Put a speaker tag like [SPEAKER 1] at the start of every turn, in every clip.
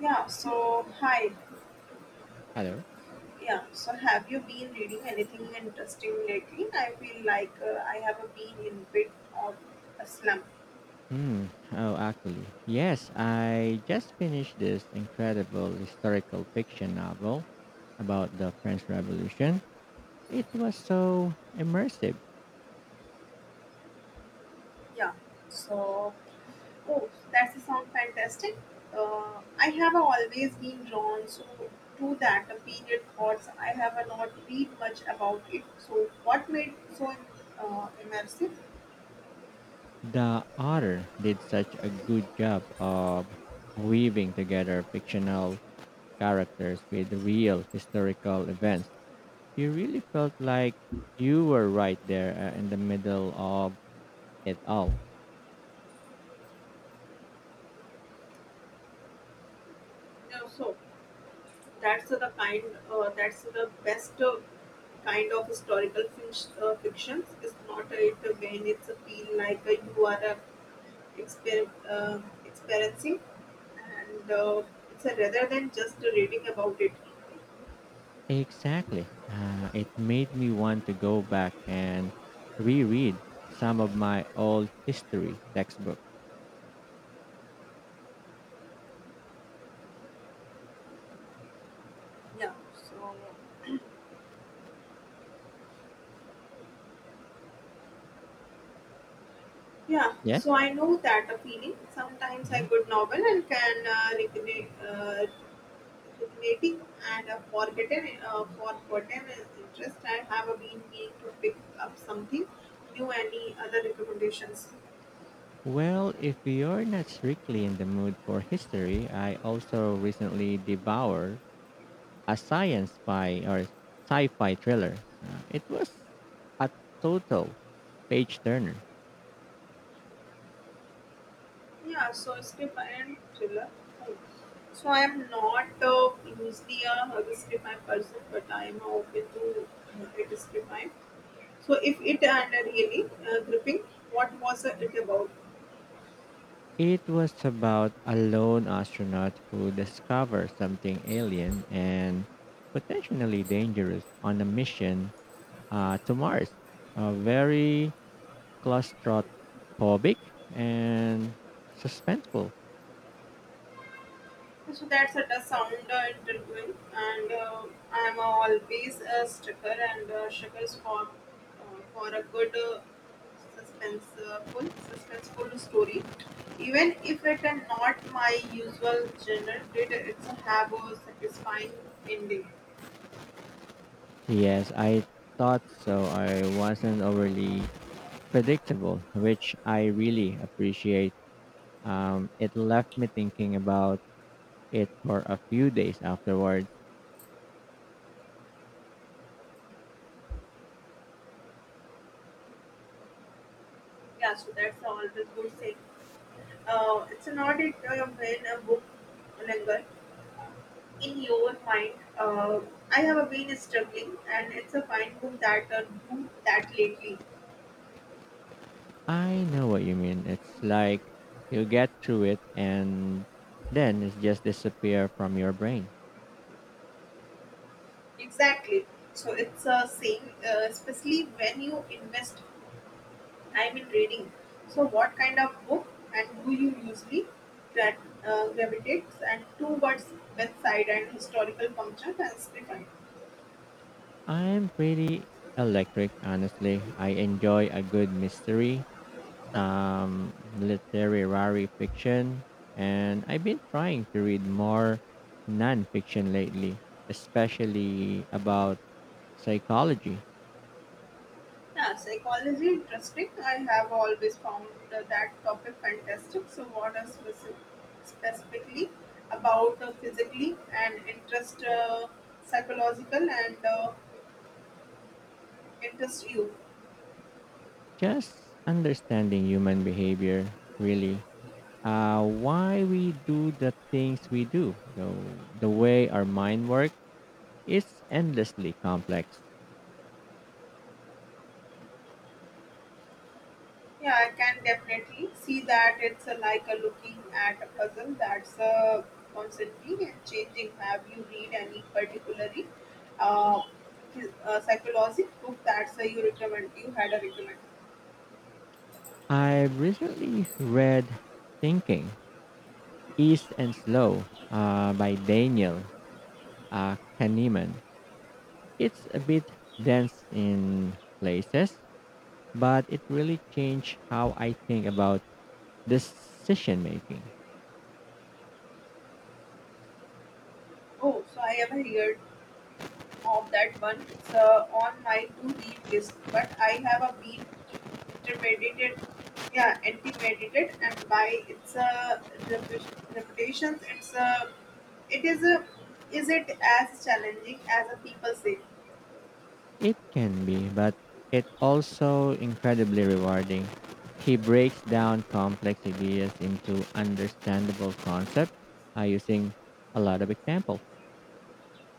[SPEAKER 1] Yeah, so hi.
[SPEAKER 2] Hello.
[SPEAKER 1] Yeah, so have you been reading anything interesting lately? I feel like I have been in bit of a slump.
[SPEAKER 2] Hmm. Oh, actually, yes. I just finished this incredible historical fiction novel about the French Revolution. It was so immersive.
[SPEAKER 1] Yeah, so oh, that's a sound fantastic. I have always been drawn so to that period thoughts. I have not read much about it. So what made it so immersive?
[SPEAKER 2] The author did such a good job of weaving together fictional characters with real historical events. You really felt like you were right there in the middle of it all.
[SPEAKER 1] Yeah, so that's the kind. That's the best kind of historical fiction. It's not it when it's a feel like you are exper- uh, experiencing, and it's a, rather than just reading about it.
[SPEAKER 2] Exactly. It made me want to go back and reread some of my old history textbook.
[SPEAKER 1] Yeah. So yeah,
[SPEAKER 2] Yes?
[SPEAKER 1] so I know that a feeling. Sometimes a
[SPEAKER 2] Hmm.
[SPEAKER 1] good novel and can reconnect, Knitting and a forgotten his interest. I have been meaning to pick up something new. Any other recommendations?
[SPEAKER 2] Well, if you're not strictly in the mood for history, I also recently devoured a science fi or sci-fi thriller. It was a total page turner.
[SPEAKER 1] Yeah, so script and thriller. Oh. So I am not usually a scriptmime person, but I am open to it scriptmime. So if it and really gripping, what was it about?
[SPEAKER 2] It was about a lone astronaut who discovers something alien and potentially dangerous on a mission to Mars. Very claustrophobic and suspenseful.
[SPEAKER 1] So that's it, a tough sound interviewing, and I'm always a sticker and stickers for a good suspenseful story. Even if it is not my usual genre, did it's have a satisfying ending.
[SPEAKER 2] Yes, I thought so. I wasn't overly predictable, which I really appreciate. It left me thinking about it for a few days afterwards.
[SPEAKER 1] Yeah, so that's always good saying. It's not it when a book linger in your mind. uh, I have been struggling and it's a fine book that do that lately.
[SPEAKER 2] I know what you mean. It's like you get through it and then it just disappear from your brain.
[SPEAKER 1] Exactly. So it's a same especially when you invest time in reading. So what kind of book and do you usually that gravitates and towards bedside and historical functions and script.
[SPEAKER 2] I'm pretty electric, honestly. I enjoy a good mystery, some literary fiction, and I've been trying to read more non-fiction lately, especially about psychology.
[SPEAKER 1] Yeah, psychology interesting. I have always found that topic fantastic. So, what is specifically about physically and interest psychological and interest you?
[SPEAKER 2] Just understanding human behavior, really. Why we do the things we do. So the way our mind works is endlessly complex.
[SPEAKER 1] Yeah, I can definitely see that it's like a looking at a puzzle that's constantly and changing. Have you read any particularly uh, psychological book that's you recommend? You had a recommend.
[SPEAKER 2] I've recently read Thinking, East and Slow by Daniel Kahneman. It's a bit dense in places, but it really changed how I think about decision making.
[SPEAKER 1] Oh, so I have heard of that one. It's on my to-read list, but I have been intimidated, yeah, intimidated, and by its repu- reputations. It's it is a, is it as challenging as the people say?
[SPEAKER 2] It can be, but it also incredibly rewarding. He breaks down complex ideas into understandable concepts using a lot of examples.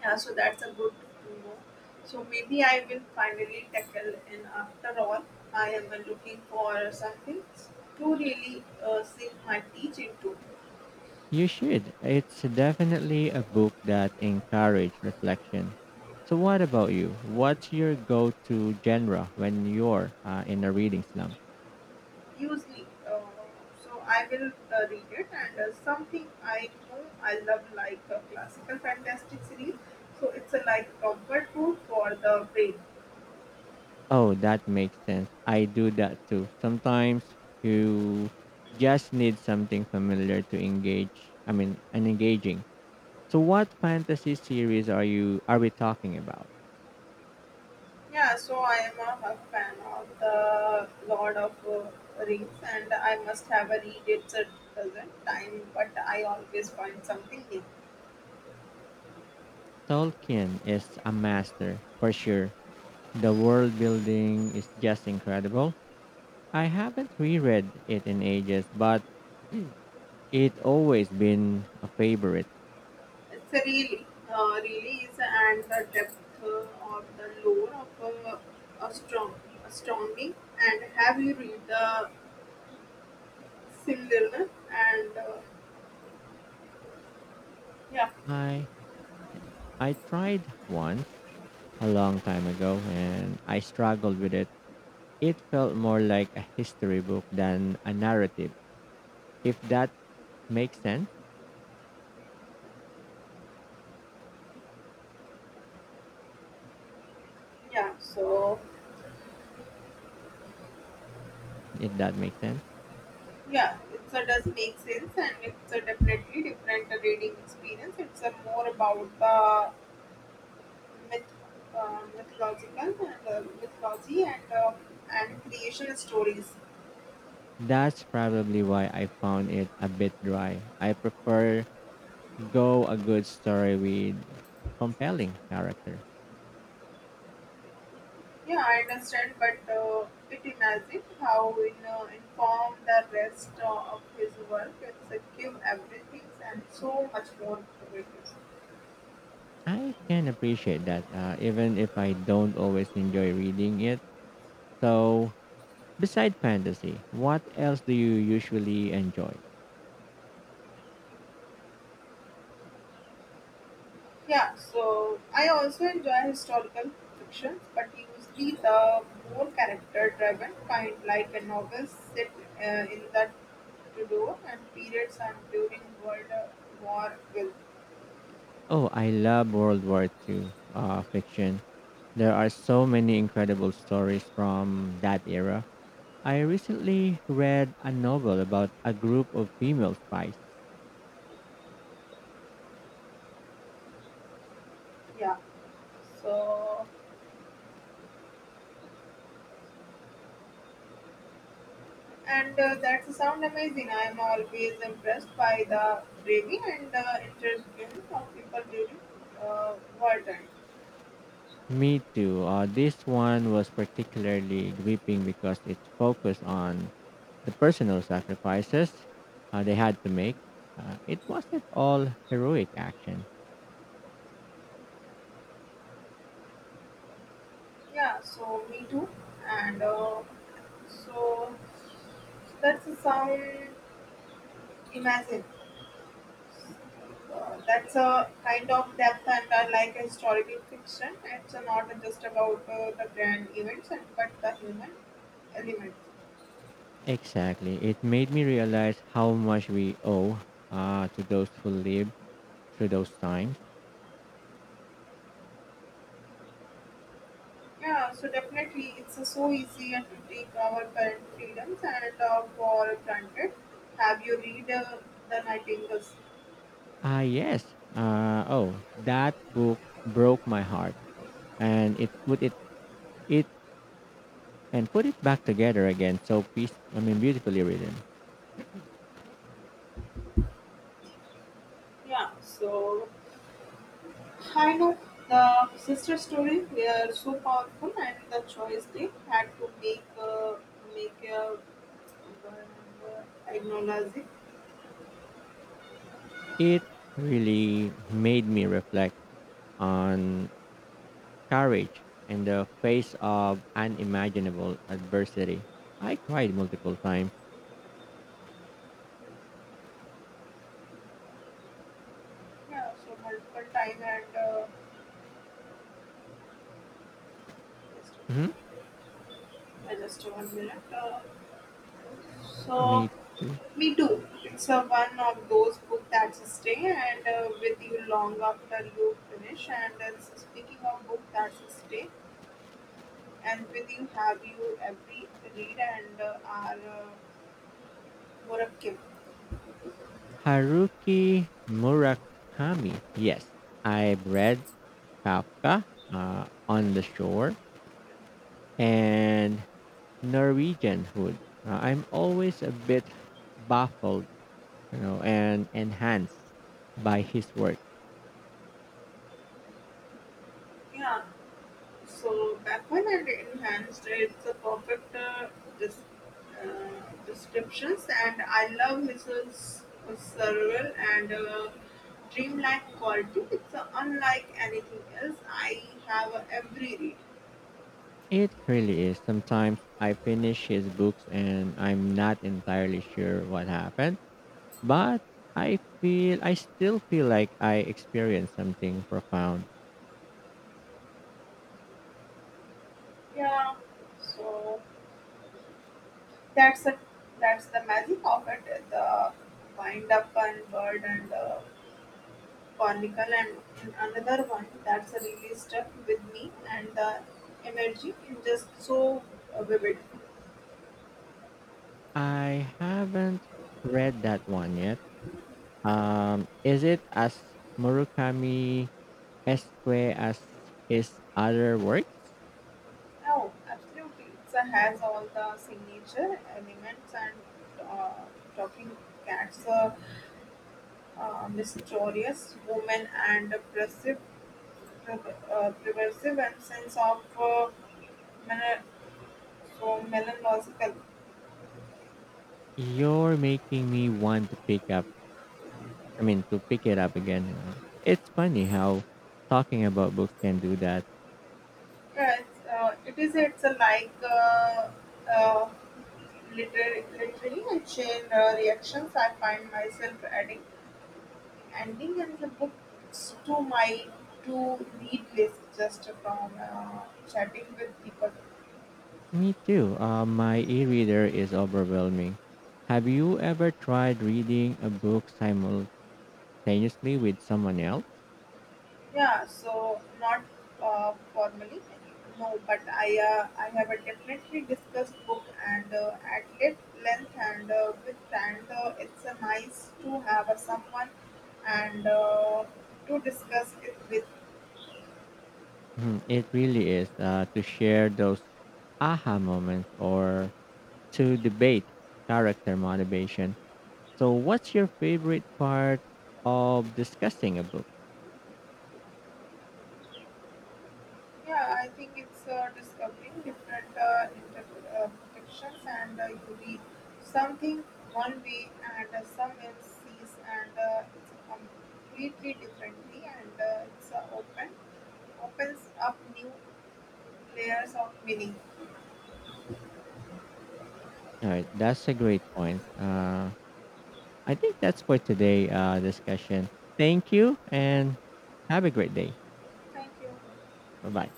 [SPEAKER 1] Yeah, so that's a good to know. So maybe I will finally tackle in after all. I am looking for something to really sink my teeth into.
[SPEAKER 2] You should. It's definitely a book that encourages reflection. So, what about you? What's your go-to genre when you're in a reading slump?
[SPEAKER 1] Usually, so I will read it, and something I know I love like a classical fantastic series. So it's a like comfort food for the brain.
[SPEAKER 2] Oh, that makes sense. I do that too. Sometimes you just need something familiar to engage. I mean, and engaging. So, what fantasy series are we talking about?
[SPEAKER 1] Yeah, so I am a fan of the Lord of Rings, and I must have a read it a dozen time, but I always find something new.
[SPEAKER 2] Tolkien is a master for sure. The world building is just incredible. I haven't reread it in ages, but it always been a favorite.
[SPEAKER 1] It's a really, really is, and the depth of the lore of a strong, astounding. And have you read the similar na? And Yeah,
[SPEAKER 2] I I tried one a long time ago and I struggled with it. It felt more like a history book than a narrative. If that makes sense,
[SPEAKER 1] yeah, so
[SPEAKER 2] if that makes sense.
[SPEAKER 1] yeah, it's a does make sense and it's a definitely different reading experience. It's a more about the myth mythological and mythology and creation stories.
[SPEAKER 2] That's probably why I found it a bit dry. I prefer go a good story with compelling character.
[SPEAKER 1] Yeah, I understand but it imagine how in inform the rest of his work. It's a give everything and so much more.
[SPEAKER 2] I can appreciate that, even if I don't always enjoy reading it. So, beside fantasy, what else do you usually enjoy?
[SPEAKER 1] Yeah, so I also enjoy historical fictions, but usually the more character-driven kind, like a novel set in the Tudor and periods and during World War will.
[SPEAKER 2] Oh, I love World War Two, fiction. There are so many incredible stories from that era. I recently read a novel about a group of female spies.
[SPEAKER 1] Yeah, so and that sound amazing. I am always impressed by the bravery and the intelligence of people during war time.
[SPEAKER 2] Me too. This one was particularly gripping because it's focused on the personal sacrifices they had to make. It wasn't all heroic action.
[SPEAKER 1] Yeah, so me too, and so that's the sound. Imagine. That's a kind of depth and like a historical fiction. It's not just about the grand events, and, but the human element.
[SPEAKER 2] Exactly. It made me realize how much we owe to those who lived through those times.
[SPEAKER 1] Yeah, so definitely it's so easy to take our current freedoms and for granted. Have you read The Nightingales?
[SPEAKER 2] Ah, yes. Oh, that book broke my heart, and it put it it and put it back together again. So peace. I mean, beautifully written.
[SPEAKER 1] Yeah, so I know the sister story. They are so powerful, and the choice they had to make a acknowledge.
[SPEAKER 2] It really made me reflect on courage in the face of unimaginable adversity. I cried multiple times.
[SPEAKER 1] Yeah, so multiple time and just,
[SPEAKER 2] Hmm.
[SPEAKER 1] just one minute. So
[SPEAKER 2] Me too.
[SPEAKER 1] me too. It's a one of those book that stay and with you long after you finish. And speaking of book that stay and with you, have you every read and are uh, more active.
[SPEAKER 2] Haruki Murakami. Yes, I've read Kafka on the shore and Norwegianhood. I'm always a bit baffled, you know, and enhanced by his work.
[SPEAKER 1] Yeah. So backward and enhanced, it's a perfect dis- uh, descriptions, and I love his surreal and dreamlike quality. It's unlike anything else I have every read.
[SPEAKER 2] It really is. Sometimes I finish his books and I'm not entirely sure what happened, but I still feel like I experienced something profound.
[SPEAKER 1] Yeah, so that's a, that's the magic of it. The wind up and bird and Conical and another one that's really stuck with me and the energy is just so vivid.
[SPEAKER 2] I haven't read that one yet. Is it as Murakami esque as his other works?
[SPEAKER 1] Oh, absolutely. It has all the signature elements and uh, talking cats, a mysterious woman and a pervasive and sense of mel- so melancholical.
[SPEAKER 2] You're making me want to pick up. I mean, to pick it up again. You know, it's funny how talking about books can do that.
[SPEAKER 1] Yes, it is. It's a like uh, Literally, I chain reactions. I find myself adding ending and the books to my to-read list just from chatting with people.
[SPEAKER 2] Me too. My e-reader is overwhelming. Have you ever tried reading a book simultaneously with someone else?
[SPEAKER 1] Yeah, so not formally, no, but I have a definitely discussed book and at lit length and with and it's a nice to have a someone and to discuss it with.
[SPEAKER 2] Mhm. It really is to share those aha moments or to debate character motivation. So, what's your favorite part of discussing a book?
[SPEAKER 1] Yeah, I think it's discovering different interpretations and you read something one way and someone sees and it's completely differently and it's opens up new layers of meaning.
[SPEAKER 2] All right, that's a great point. I think that's for today discussion. Thank you and have a great day.
[SPEAKER 1] Thank you.
[SPEAKER 2] Bye bye.